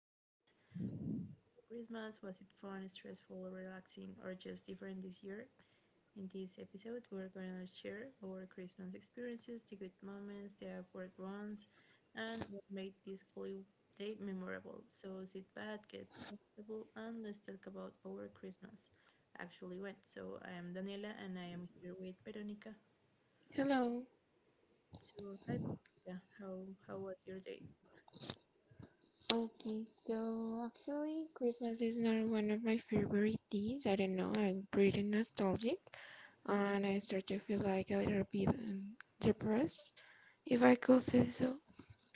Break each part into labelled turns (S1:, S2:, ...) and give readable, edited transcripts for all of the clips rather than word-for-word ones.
S1: Christmas. Christmas, was it fun, stressful, relaxing, or just different this year? In this episode, we're going to share our Christmas experiences, the good moments, the awkward ones, and what made this holiday memorable. So sit back, get comfortable, and let's talk about our Christmas. Actually, went. So I am Daniela, and I am here with Veronica.
S2: Hello.
S1: So, hi, Priyanka, how was your day?
S2: Okay, so actually, Christmas is not one of my favorite days. I don't know. I'm pretty nostalgic, and I start to feel like a little bit depressed, if I could say so.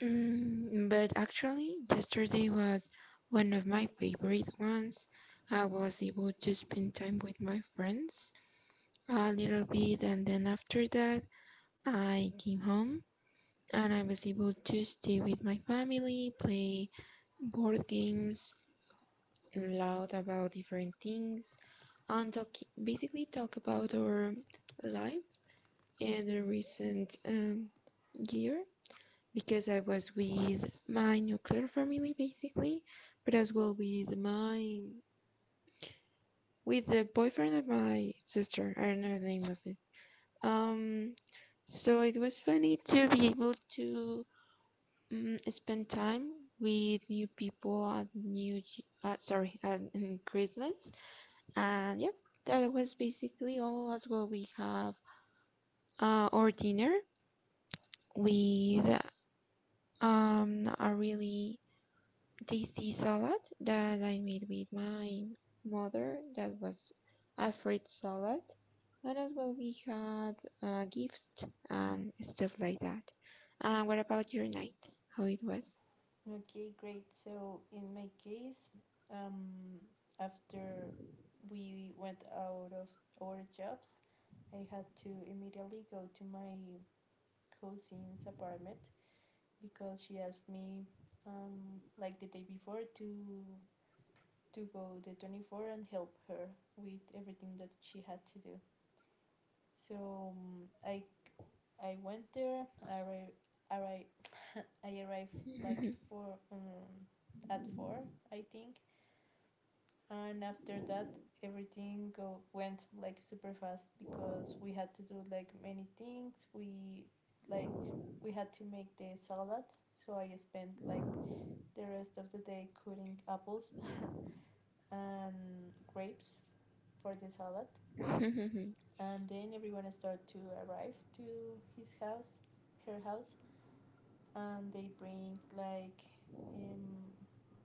S2: But actually, yesterday was one of my favorite ones. I was able to spend time with my friends a little bit, and then after that, I came home and I was able to stay with my family, play board games and loud about different things and talk, basically talk about our life and the recent year, because I was with my nuclear family basically, but as well with my with the boyfriend of my sister. I don't know the name of it. Um, so it was funny to be able to spend time with new people at new Ye- sorry at Christmas. And yep, that was basically all. As well, we have our dinner with a really tasty salad that I made with my mother. That was a fruit salad. And as well, we had gifts and stuff like that. What about your night? How it was?
S1: Okay, great. So in my case, um, after we went out of our jobs, I had to immediately go to my cousin's apartment because she asked me, like the day before, to go the 24th and help her with everything that she had to do. So I went there. I arrived. I arrived like four at four, I think. And after that, everything go went like super fast because we had to do like many things. Like we had to make the salad, so I spent like the rest of the day cutting apples and grapes for the salad. And then everyone started to arrive to his house, her house, and they bring like um,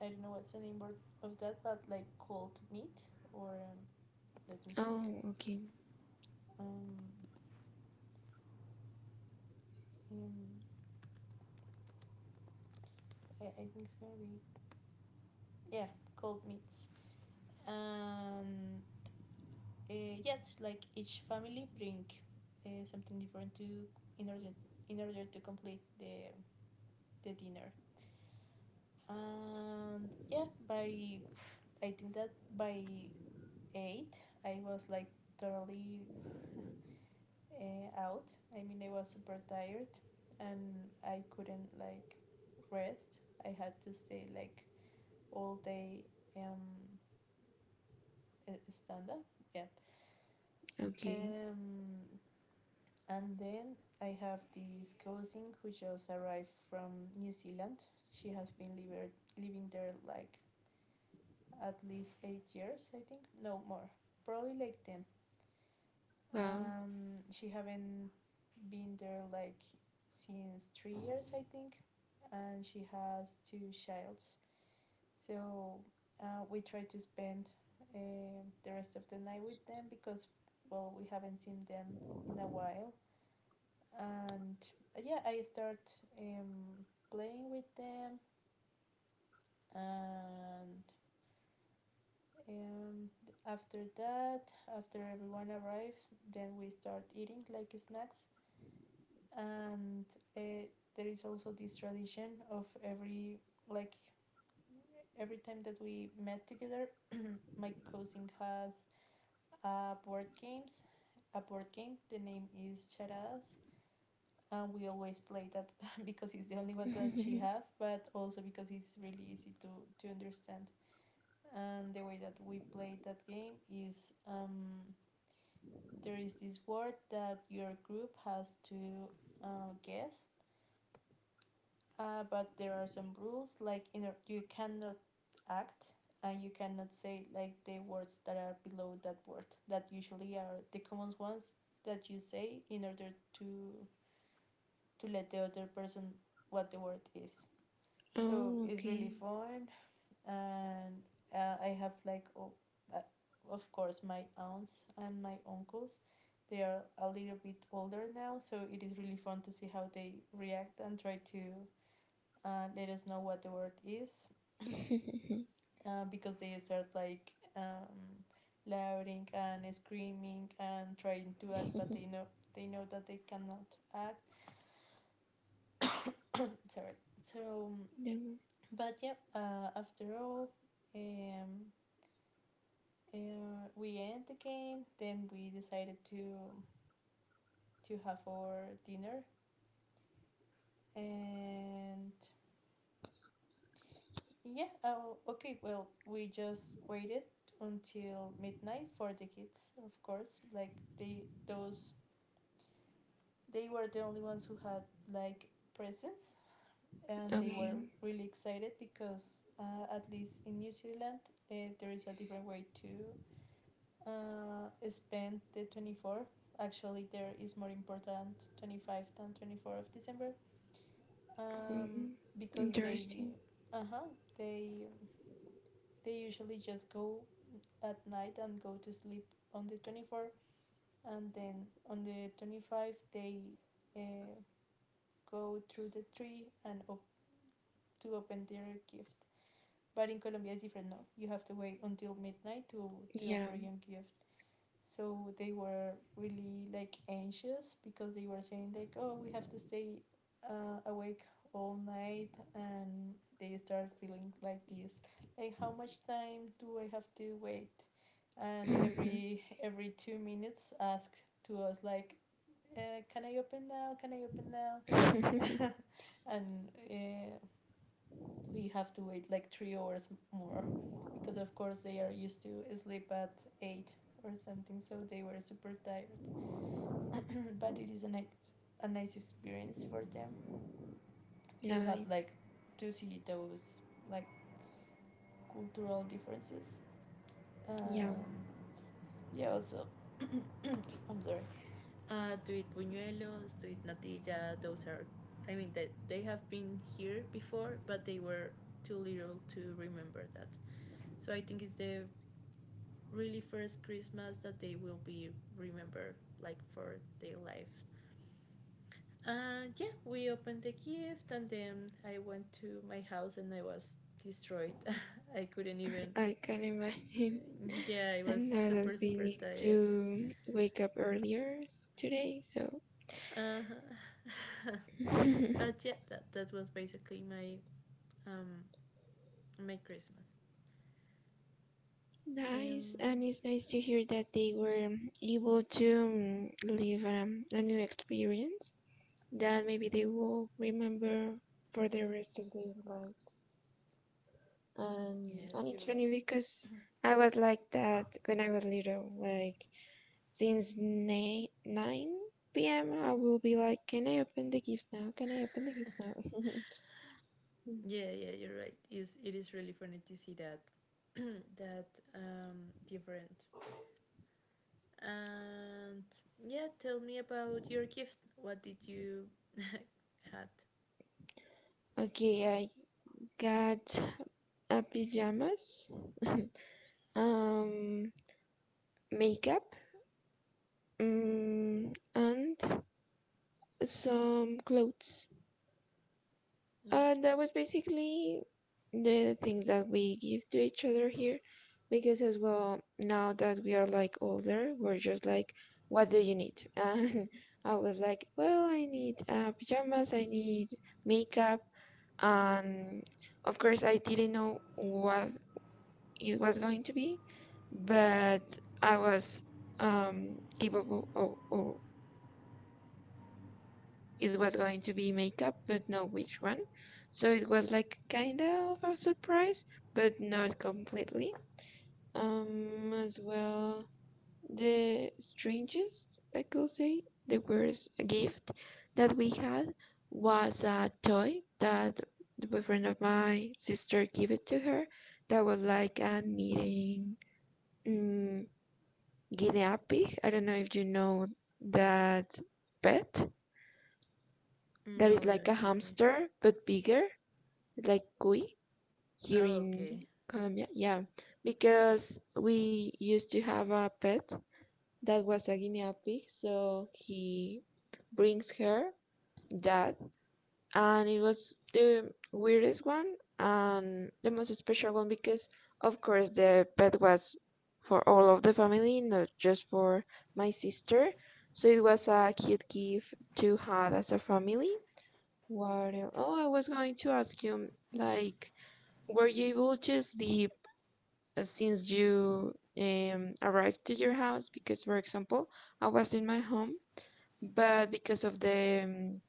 S1: I don't know what's the name word of that, but like cold meat or let me check.
S2: Oh, okay.
S1: Um, um, I think it's gonna be, yeah, cold meats. And yes, like each family bring something different to in order in order to complete the dinner. And yeah, I think that by eight I was like totally out. I mean, I was super tired and I couldn't like rest. I had to stay like all day um stand up. Yep.
S2: Okay.
S1: Um and then I have this cousin who just arrived from New Zealand. She has been living there like at least 8 years, I think. No, more, probably like ten.
S2: Wow.
S1: She haven't been there like since 3 years, I think, and she has two childs. So we try to spend uh, the rest of the night with them because, well, we haven't seen them in a while. And yeah, I start um, playing with them. And um, after that, after everyone arrives, then we start eating like snacks. And uh, there is also this tradition of every, like every time that we met together, my cousin has a board games a board game, the name is charadas, and we always play that because it's the only one that she have, but also because it's really easy to understand. And the way that we play that game is, there is this word that your group has to guess. But there are some rules, like you know you cannot act, and you cannot say like the words that are below that word that usually are the common ones that you say in order to let the other person what the word is. So
S2: Oh,
S1: it's really fun. And I have like oh, uh, of course my aunts and my uncles, they are a little bit older now, so it is really fun to see how they react and try to let us know what the word is.
S2: okay.
S1: Because they start like louding and screaming and trying to act, but they know, that they cannot act. Sorry. So
S2: Yeah.
S1: but yeah, after all, um, uh, we end the game, then we decided to have our dinner. And yeah, oh, okay, well, we just waited until midnight for the kids, of course. Like they those they were the only ones who had like presents, and they were
S2: Okay.
S1: really excited because at least in New Zealand uh, there is a different way to spend the 24th. Actually, there is more important 25th than 24th of December. Um,
S2: Um,
S1: because they
S2: interesting.
S1: uh-huh. they They usually just go at night and go to sleep on the 24th, and then on the 25th they uh, go through the tree and to open their gift. But in Colombia it's different, no? You have to wait until midnight to
S2: Yeah.
S1: open your gift. So they were really like anxious because they were saying, like, oh, we have to stay awake all night. And they start feeling like this, like, how much time do I have to wait? And every 2 minutes ask to us like, can I open now, can I open now? And we have to wait like 3 hours more because of course they are used to sleep at eight or something, so they were super tired. But it is a nice experience for them to have
S2: Nice.
S1: like, to see those like cultural differences.
S2: Yeah.
S1: um, yeah, also, I'm sorry, to eat buñuelos, to eat natilla, those are, I mean that they have been here before, but they were too little to remember that. So I think it's the really first Christmas that they will be remembered like for their lives. And yeah, we opened the gift, and then I went to my house and I was destroyed. I couldn't even.
S2: I can imagine.
S1: Yeah, I was
S2: And now that
S1: super
S2: we
S1: super
S2: need
S1: tired.
S2: to wake up earlier today, so
S1: Uh-huh. But yeah, that was basically my um my Christmas.
S2: nice. And
S1: Um.
S2: it's nice to hear that they were able to live a new experience that maybe they will remember for the rest of their lives.
S1: Yes,
S2: And
S1: you're
S2: it's
S1: right.
S2: funny because I was like that when I was little. Like, since 9 p.m., I will be like, "Can I open the gift now? Can I open the gift now?"
S1: Yeah, yeah, you're right. Is it is really funny to see that, that different. And yeah, tell me about your gift. What did you had?
S2: Okay, I got pajamas, um, makeup, mm, and some clothes. And
S1: Okay.
S2: that was basically the things that we give to each other here. Because as well, now that we are like older, we're just like, what do you need? And I was like, well, I need pajamas, I need makeup. And of course, I didn't know what it was going to be, but I was um, capable of, of, it was going to be makeup, but not which one. So it was like kind of a surprise, but not completely. As well, the strangest, I could say, the worst gift that we had was a toy that the boyfriend of my sister gave it to her. That was like a knitting mm, guinea pig. I don't know if you know that pet, that is
S1: No,
S2: like a
S1: not really.
S2: hamster but bigger, like cuy here
S1: Oh,
S2: in
S1: okay.
S2: Colombia. Yeah, because we used to have a pet that was a guinea pig, so he brings her that, and it was the weirdest one and the most special one because, of course, the pet was for all of the family, not just for my sister. So it was a cute gift to have as a family. What else? Oh, I was going to ask you, like, were you able to sleep since you arrived to your house? Because, for example, I was in my home, but because of the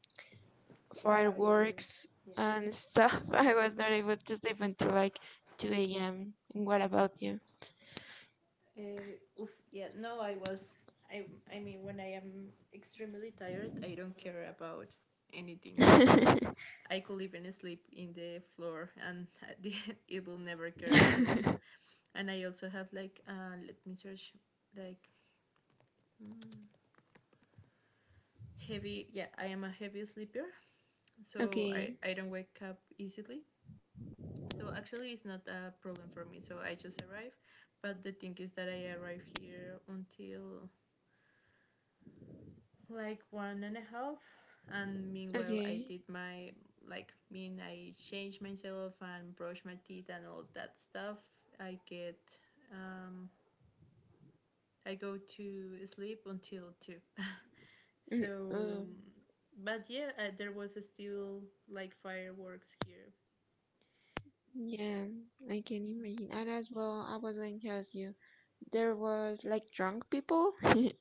S1: Fire.
S2: fireworks
S1: Yeah.
S2: and stuff, I was not able to sleep until like 2 a.m. And what about you?
S1: Oof. Yeah. No, I was. I. I mean, when I am extremely tired, I don't care about anything. Like I could even sleep in the floor, and at the end, it will never care because. And I also have like. Let me search. Like. Mm, heavy. Yeah, I am a heavy sleeper, so
S2: Okay,
S1: I don't wake up easily. So actually, it's not a problem for me. So I just arrive, but the thing is that I arrive here until like one and a half, and meanwhile I
S2: okay.
S1: did my like mean I changed myself and brush my teeth and all that stuff. I get um, I go to sleep until two.
S2: Mm,
S1: So, but yeah, there was still like fireworks here.
S2: yeah, I can imagine. And as well, I was going to ask you, there was like drunk people?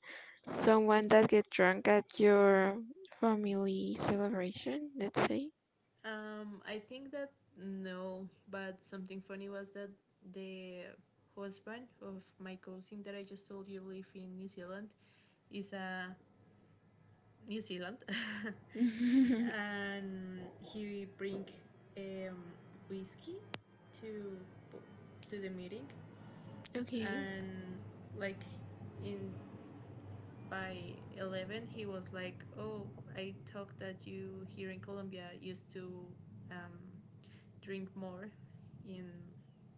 S2: Someone that get drunk at your family celebration, let's say.
S1: I think that no, but something funny was that the husband of my cousin that I just told you live in New Zealand is a New Zealand, and he bring um, whiskey to the meeting.
S2: Okay.
S1: And like in by 11 he was like, oh, I talked that you here in Colombia used to um, drink more in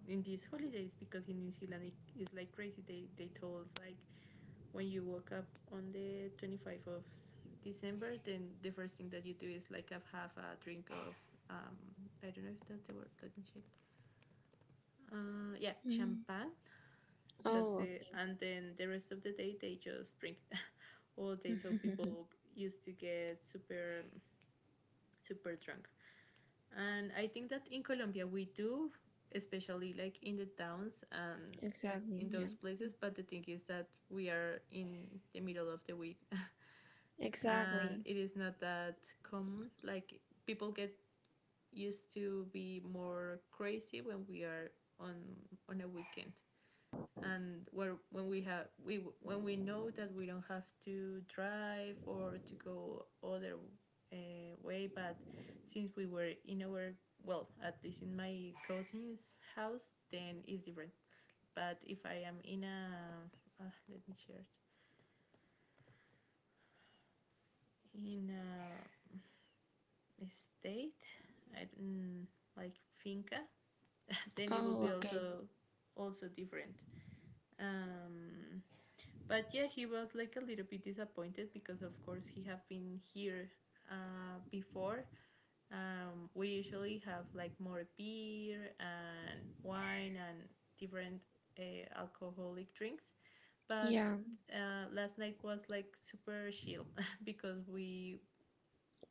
S1: in these holidays because in New Zealand it is like crazy. They told like when you woke up on the 25th of December, then the first thing that you do is like have a drink of um, I don't know if that's the word. Let me check. Yeah,
S2: Mm.
S1: champagne.
S2: Oh,
S1: That's it.
S2: okay.
S1: And then the rest of the day they just drink all day. So people used to get super super drunk. And I think that in Colombia we do, especially like in the towns and
S2: Exactly,
S1: in
S2: yeah.
S1: those
S2: Mm.
S1: places. But the thing is that we are in the middle of the week and
S2: Exactly.
S1: it is not that common. Like people get used to be more crazy when we are on on a weekend and where when we have, we when we know that we don't have to drive or to go other uh, way. But since we were in our, well, at least in my cousin's house, then it's different. But if I am in a let me share in a estate, I do like finca, then it will
S2: Oh,
S1: be
S2: okay.
S1: also different. um but yeah, he was like a little bit disappointed because of course he have been here before. We usually have like more beer and wine and different uh, alcoholic drinks. But
S2: Yeah.
S1: last night was like super chill because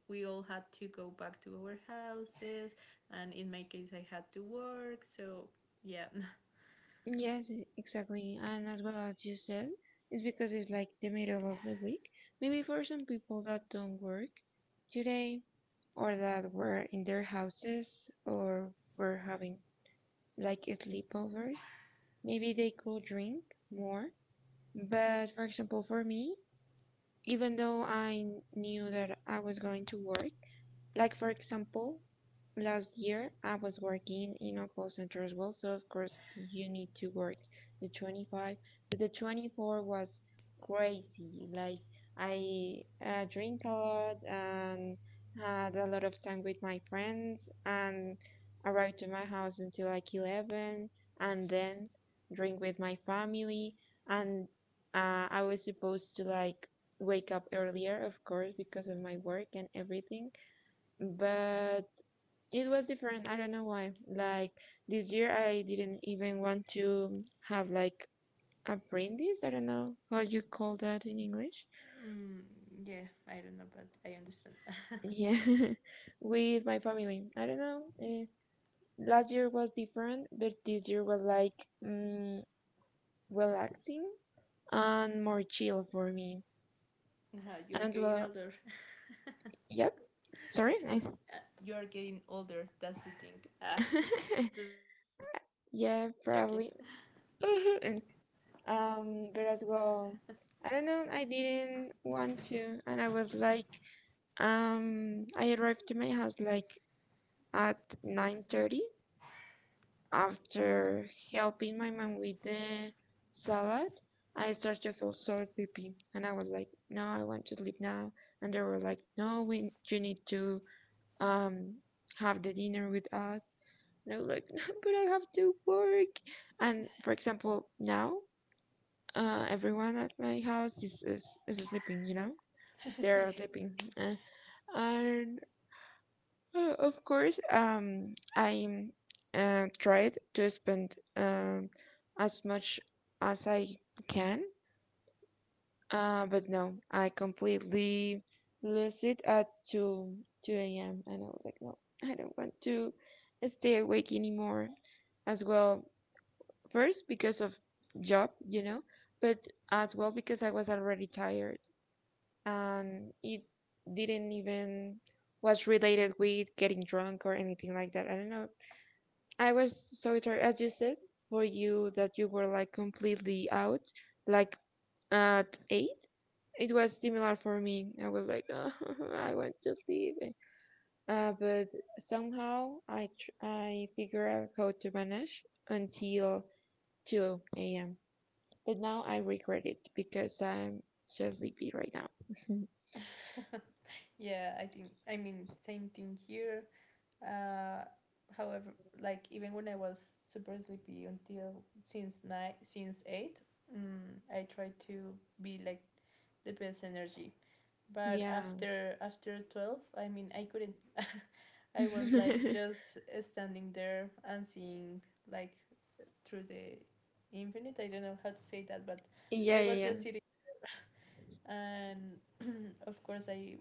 S1: we all had to go back to our houses, and in my case I had to work, so yeah.
S2: Yes, exactly. And as well as you said, it's because it's like the middle of the week. Maybe for some people that don't work today or that were in their houses or were having like sleepovers. Maybe they could drink more. But for example, for me, even though I knew that I was going to work, like for example, last year I was working in a call center as well, so of course you need to work the 25, but the 24 was crazy. Like, I drink a lot and had a lot of time with my friends and arrived to my house until like 11, and then drink with my family and I was supposed to like wake up earlier, of course, because of my work and everything, but it was different. I don't know why. Like, this year, I didn't even want to have like apprentice. I don't know how you call that in English.
S1: Mm, yeah, I don't know, but I understand.
S2: Yeah, with my family. I don't know. Last year was different, but this year was like relaxing and more chill for me.
S1: You're
S2: And
S1: getting
S2: well,
S1: older.
S2: yep. Sorry.
S1: Uh, you're getting older. That's the thing. Ah, just joking.
S2: Yeah, probably. But well, I don't know, I didn't want to, and I was like, I arrived to my house like at 9:30, after helping my mom with the salad. I started to feel so sleepy, and I was like, no, I want to sleep now. And they were like, no, we you need to um have the dinner with us. And I was like, no, but I have to work. And for example, now everyone at my house is sleeping, you know? They're all sleeping. And of course, I tried to spend as much as I can, but no, I completely lose it at 2, 2 a.m. And I was like, no, I don't want to stay awake anymore. As well, first because of job, you know, but as well because I was already tired. And it didn't even was related with getting drunk or anything like that. I don't know. I was so tired, as you said, for you that you were like completely out, like at eight. It was similar for me. I was like, oh, I want to leave, but somehow I figure out how to manage until two a.m. But now I regret it because I'm so sleepy right now.
S1: Yeah, yeah. I think. I mean, same thing here. Uh, however, like even when I was super sleepy until since nine, since eight, mm, I tried to be like the best energy. But
S2: Yeah.
S1: after 12, I mean, I couldn't. I was like
S2: Yeah,
S1: just standing there and seeing like through the infinite. I don't know how to say that, but
S2: yeah,
S1: I was
S2: yeah.
S1: just sitting, and of course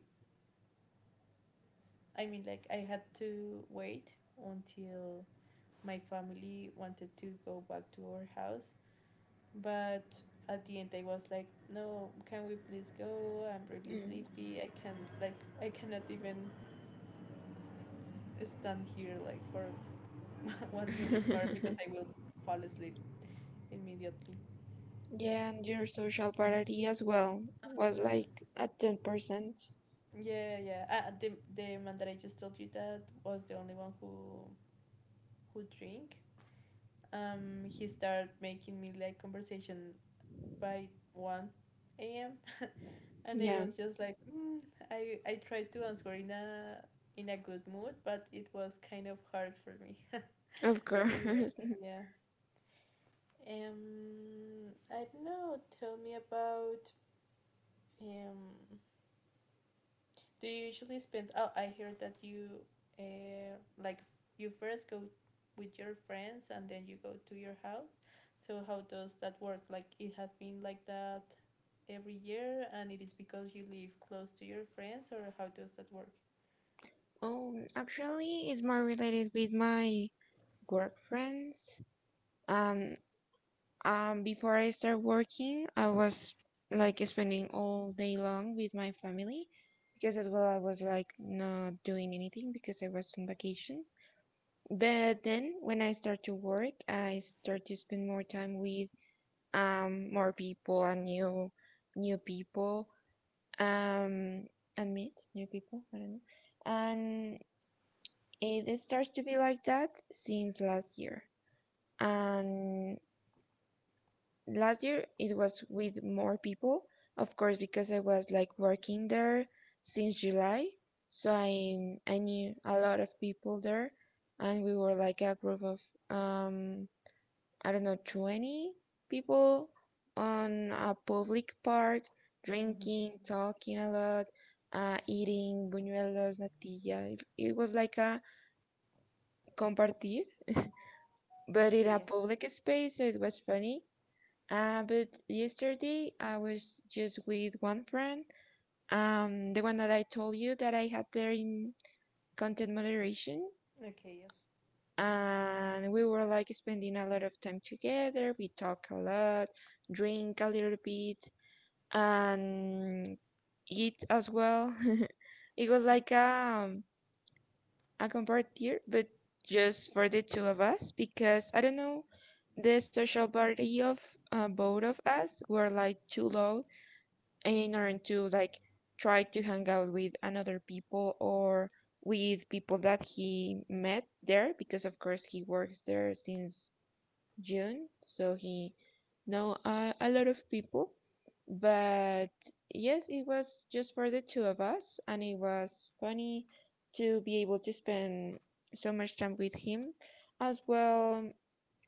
S1: I mean like I had to wait until my family wanted to go back to our house, but at the end I was like, no, can we please go? I'm really
S2: Mm.
S1: sleepy. I can't like I cannot even stand here like for one minute more because I will fall asleep immediately.
S2: Yeah, and your social parity as well
S1: Huh?
S2: was like at 10%.
S1: Yeah, yeah. The man that I just told you that was the only one who drink. He started making me like conversation by 1 a.m., and I
S2: Yeah,
S1: was just like, I tried to answer in a good mood, but it was kind of hard for me.
S2: of course.
S1: Really awful, yeah. I don't know. Tell me about um do you usually spend? Oh, I heard that you, uh, like, you first go with your friends and then you go to your house. So how does that work? Like, it has been like that every year, and it is because you live close to your friends, or how does that work?
S2: Oh, actually, it's more related with my work friends. Um, before I start working, I was like spending all day long with my family, because as well I was like not doing anything because I was on vacation. But then when I start to work, I start to spend more time with more people and new people um and meet new people, I don't know. And it starts to be like that since last year. And last year it was with more people, of course, because I was like working there since July. So I knew a lot of people there, and we were like a group of um I don't know, 20 people on a public park,
S1: Mm-hmm.
S2: drinking, talking a lot, eating buñuelos, natilla. It was like a compartir, but in a public space, so it was funny. But yesterday I was just with one friend, the one that I told you that I had there in content moderation.
S1: Yeah.
S2: And we were like spending a lot of time together. We talk a lot, drink a little bit, and it as well. It was like a compartier, but just for the two of us, because I don't know, the social party of both of us were like too low in order to like try to hang out with another people or with people that he met there, because of course he works there since June, so he know a lot of people. But yes, it was just for the two of us, and it was funny to be able to spend so much time with him. As well,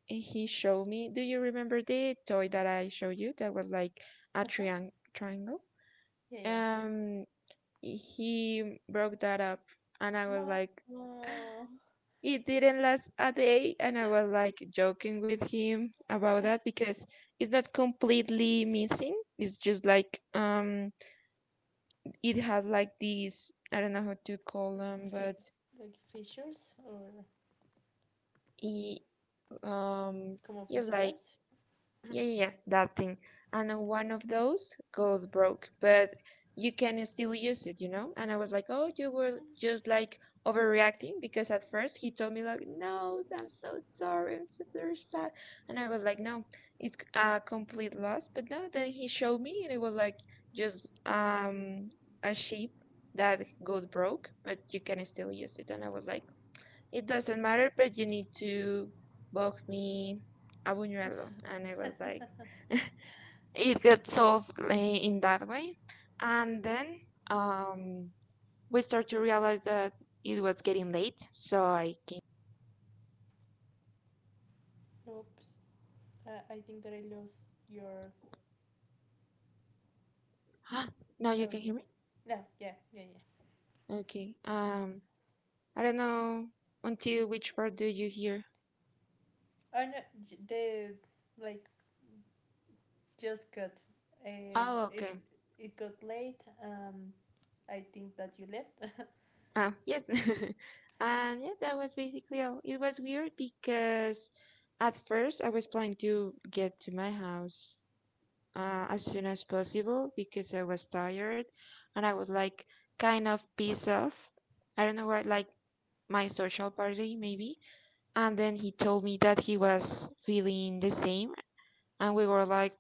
S2: he showed me. Do you remember the toy that I showed you that was like a
S1: Uh huh.
S2: triangle?
S1: Yeah, yeah.
S2: Um, he broke that up, and I was like,
S1: Uh,
S2: it didn't last a day, and I was like joking with him about that, because it's not completely missing. It's just like it has like these, I don't know how to call them,
S1: fi-
S2: but
S1: like, fissures or
S2: it um,
S1: como
S2: it's like.
S1: fisuras.
S2: Yeah, yeah, yeah, that thing. And one of those got broke, but you can still use it, you know? And I was like, oh, you were just like overreacting, because at first he told me, like, no, I'm so sorry, I'm so very sad. And I was like, no, it's a complete loss. But no, then he showed me and it was like just a sheep that got broke, but you can still use it. And I was like, it doesn't matter, but you need to box me a buñuelo. And I was like, it got solved in that way. And then um, we start to realize that it was getting late, so I came.
S1: Oops. I think that I lost your
S2: Huh? Now you can
S1: audio.
S2: hear me?
S1: No, yeah, yeah, yeah.
S2: Okay. I don't know until which part do you hear?
S1: I know they, like, just got, uh,
S2: Oh,
S1: it
S2: okay.
S1: it got late and I think that you left.
S2: Oh, yes. And yeah, that was basically all. It was weird because at first I was planning to get to my house as soon as possible because I was tired and I was like kind of pissed off. I don't know what, like my social party maybe. And then he told me that he was feeling the same. And we were like,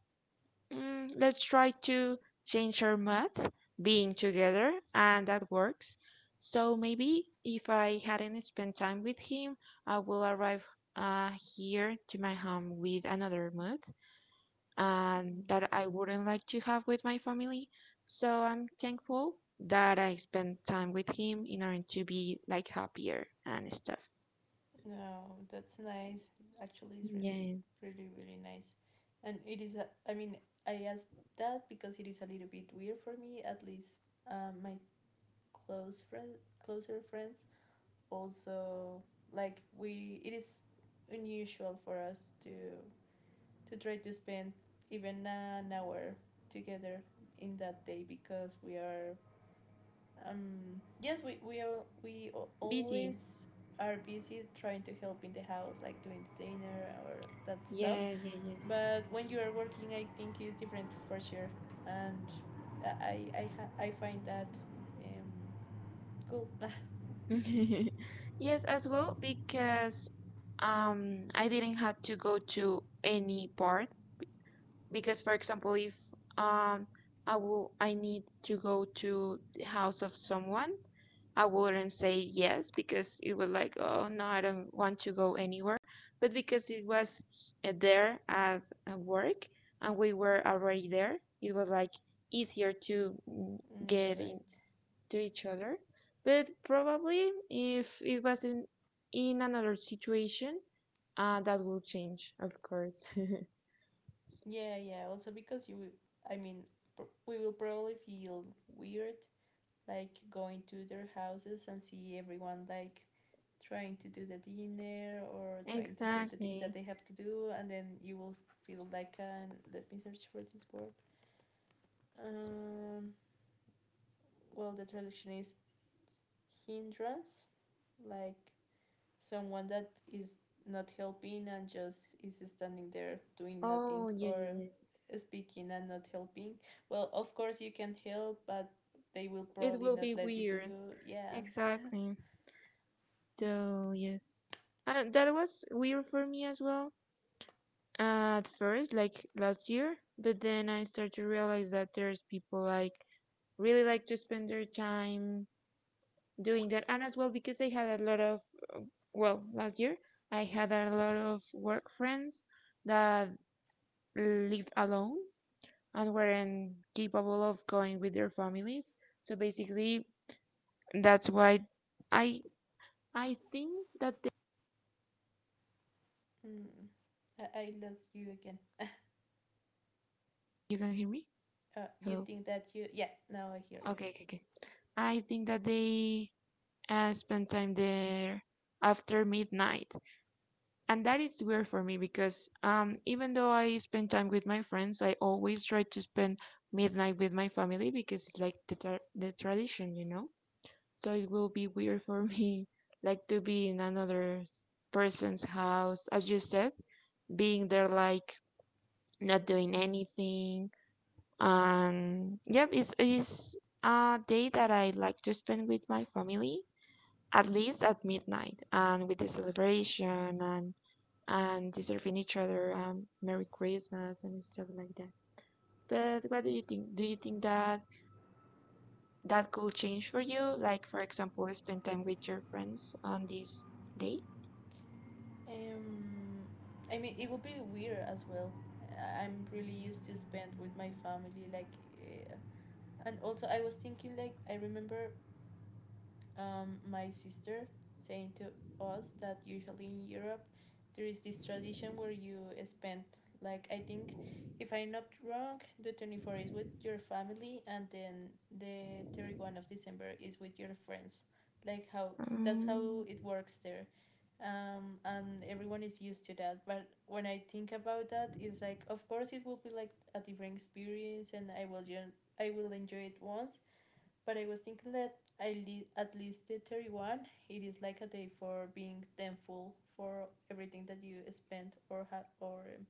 S2: let's try to change our math being together. And that works. So maybe if I hadn't spent time with him, I will arrive uh, here to my home with another mood and that I wouldn't like to have with my family. So I'm thankful that I spent time with him in order to be like happier and stuff.
S1: No, that's nice. Actually, it's really
S2: Yeah,
S1: really really nice, and it is. I mean, I asked that because it is a little bit weird for me. At least, my close friend closer friends also, like, we it is unusual for us to try to spend even an hour together in that day because we are, yes, we
S2: busy.
S1: always are busy trying to help in the house, like doing the dinner or that stuff.
S2: Yeah, yeah,
S1: But when you are working, I think it's different for sure, and i I find that um cool.
S2: yeah. Yes, as well because I didn't have to go to any part because, for example, if um I need to go to the house of someone, I wouldn't say yes because it was like, oh no, I don't want to go anywhere. But because it was there at work and we were already there, it was like easier to
S1: Mm, you're
S2: get in
S1: right.
S2: to each other. But probably if it was in another situation, that will change, of course.
S1: Yeah, yeah, also because you, I mean, we will probably feel weird like going to their houses and see everyone like trying to do the dinner or trying to do the things that
S2: Exactly.
S1: they have to do, and then you will feel like an, let me search for this word, um well, the traduction is hindrance, like someone that is not helping and just is standing there doing nothing
S2: Oh, yeah, yeah,
S1: or
S2: yes.
S1: speaking and not helping. Well, of course you can help, but they will
S2: It
S1: probably
S2: will
S1: not
S2: be
S1: let you
S2: weird.
S1: do. Yeah.
S2: Exactly. So, yes. And that was weird for me as well at first, like last year. But then I started to realize that there's people like really like to spend their time doing that. And as well, because I had a lot of, well, last year, I had a lot of work friends that lived alone and weren't capable of going with their families. So basically, that's why I I think that they,
S1: Mm. I lost you again.
S2: you can hear me.
S1: You
S2: Hello.
S1: think that you. Yeah, now I hear you.
S2: Okay, okay, okay. I think that they spend time there after midnight. And that is weird for me because, even though I spend time with my friends, I always try to spend midnight with my family because it's like the tradition, you know. So it will be weird for me, like to be in another person's house, as you said, being there like not doing anything. Yep, it's a day that I like to spend with my family, at least at midnight, and with the celebration and deserving each other, Merry Christmas and stuff like that. But what do you think? Do you think that that could change for you? Like, for example, spend time with your friends on this day?
S1: Um, I mean, it would be weird as well. I am really used to spend with my family, like, uh, and also I was thinking, like, I remember, my sister saying to us that usually in Europe there is this tradition where you spend, like, I think, if I'm not wrong, the 24 is with your family and then the 31st of December is with your friends. Like how that's how
S2: Um,
S1: it works there. And everyone is used to that. But when I think about that, it's like of course it will be like a different experience and I will enjoy it once, but I was thinking that I li- at least the 31st, it is like a day for being thankful for everything that you spent or have, or,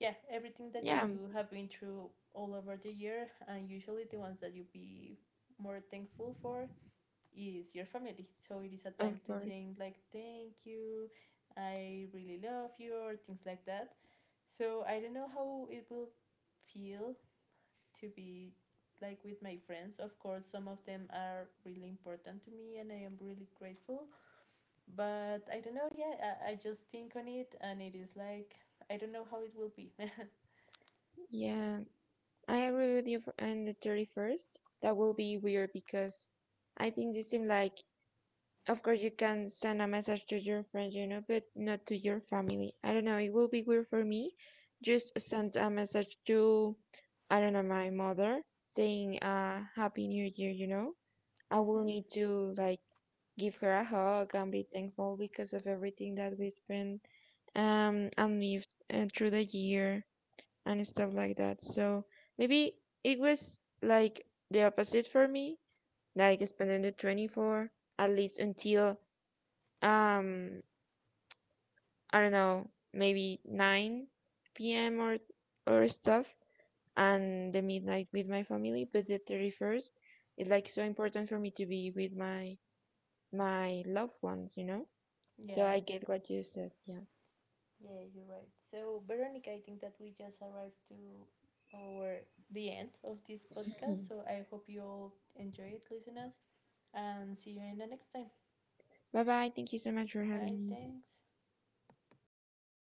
S1: yeah, everything that
S2: yeah,
S1: you have been through all over the year. And usually the ones that you be more thankful for is your family. So it is a time
S2: of
S1: to
S2: course.
S1: saying like, thank you, I really love you, or things like that. So I don't know how it will feel to be like with my friends. Of course, some of them are really important to me and I am really grateful. But I don't know, yeah, I just think on it and it is like, I don't know how it will be.
S2: Yeah, I agree with you on the 31st. That will be weird because I think this seems like, of course, you can send a message to your friends, you know, but not to your family. I don't know. It will be weird for me. Just send a message to, I don't know, my mother saying, Happy New Year, you know. I will
S1: Mm-hmm.
S2: need to, like, give her a hug and be thankful because of everything that we spent, and lived through the year and stuff like that. So maybe it was like the opposite for me, like spending the 24th at least until, um I don't know, maybe 9 p.m. Or stuff, and the midnight with my family, but the 31st is like so important for me to be with my loved ones, you know? So
S1: Yeah,
S2: I get what you said, yeah.
S1: yeah, you're right. So, Veronica, I think that we just arrived to our the end of this podcast. So, I hope you all enjoy it, listeners, and see you in the next time.
S2: Bye bye. Thank you so much for having
S1: Bye,
S2: me.
S1: thanks.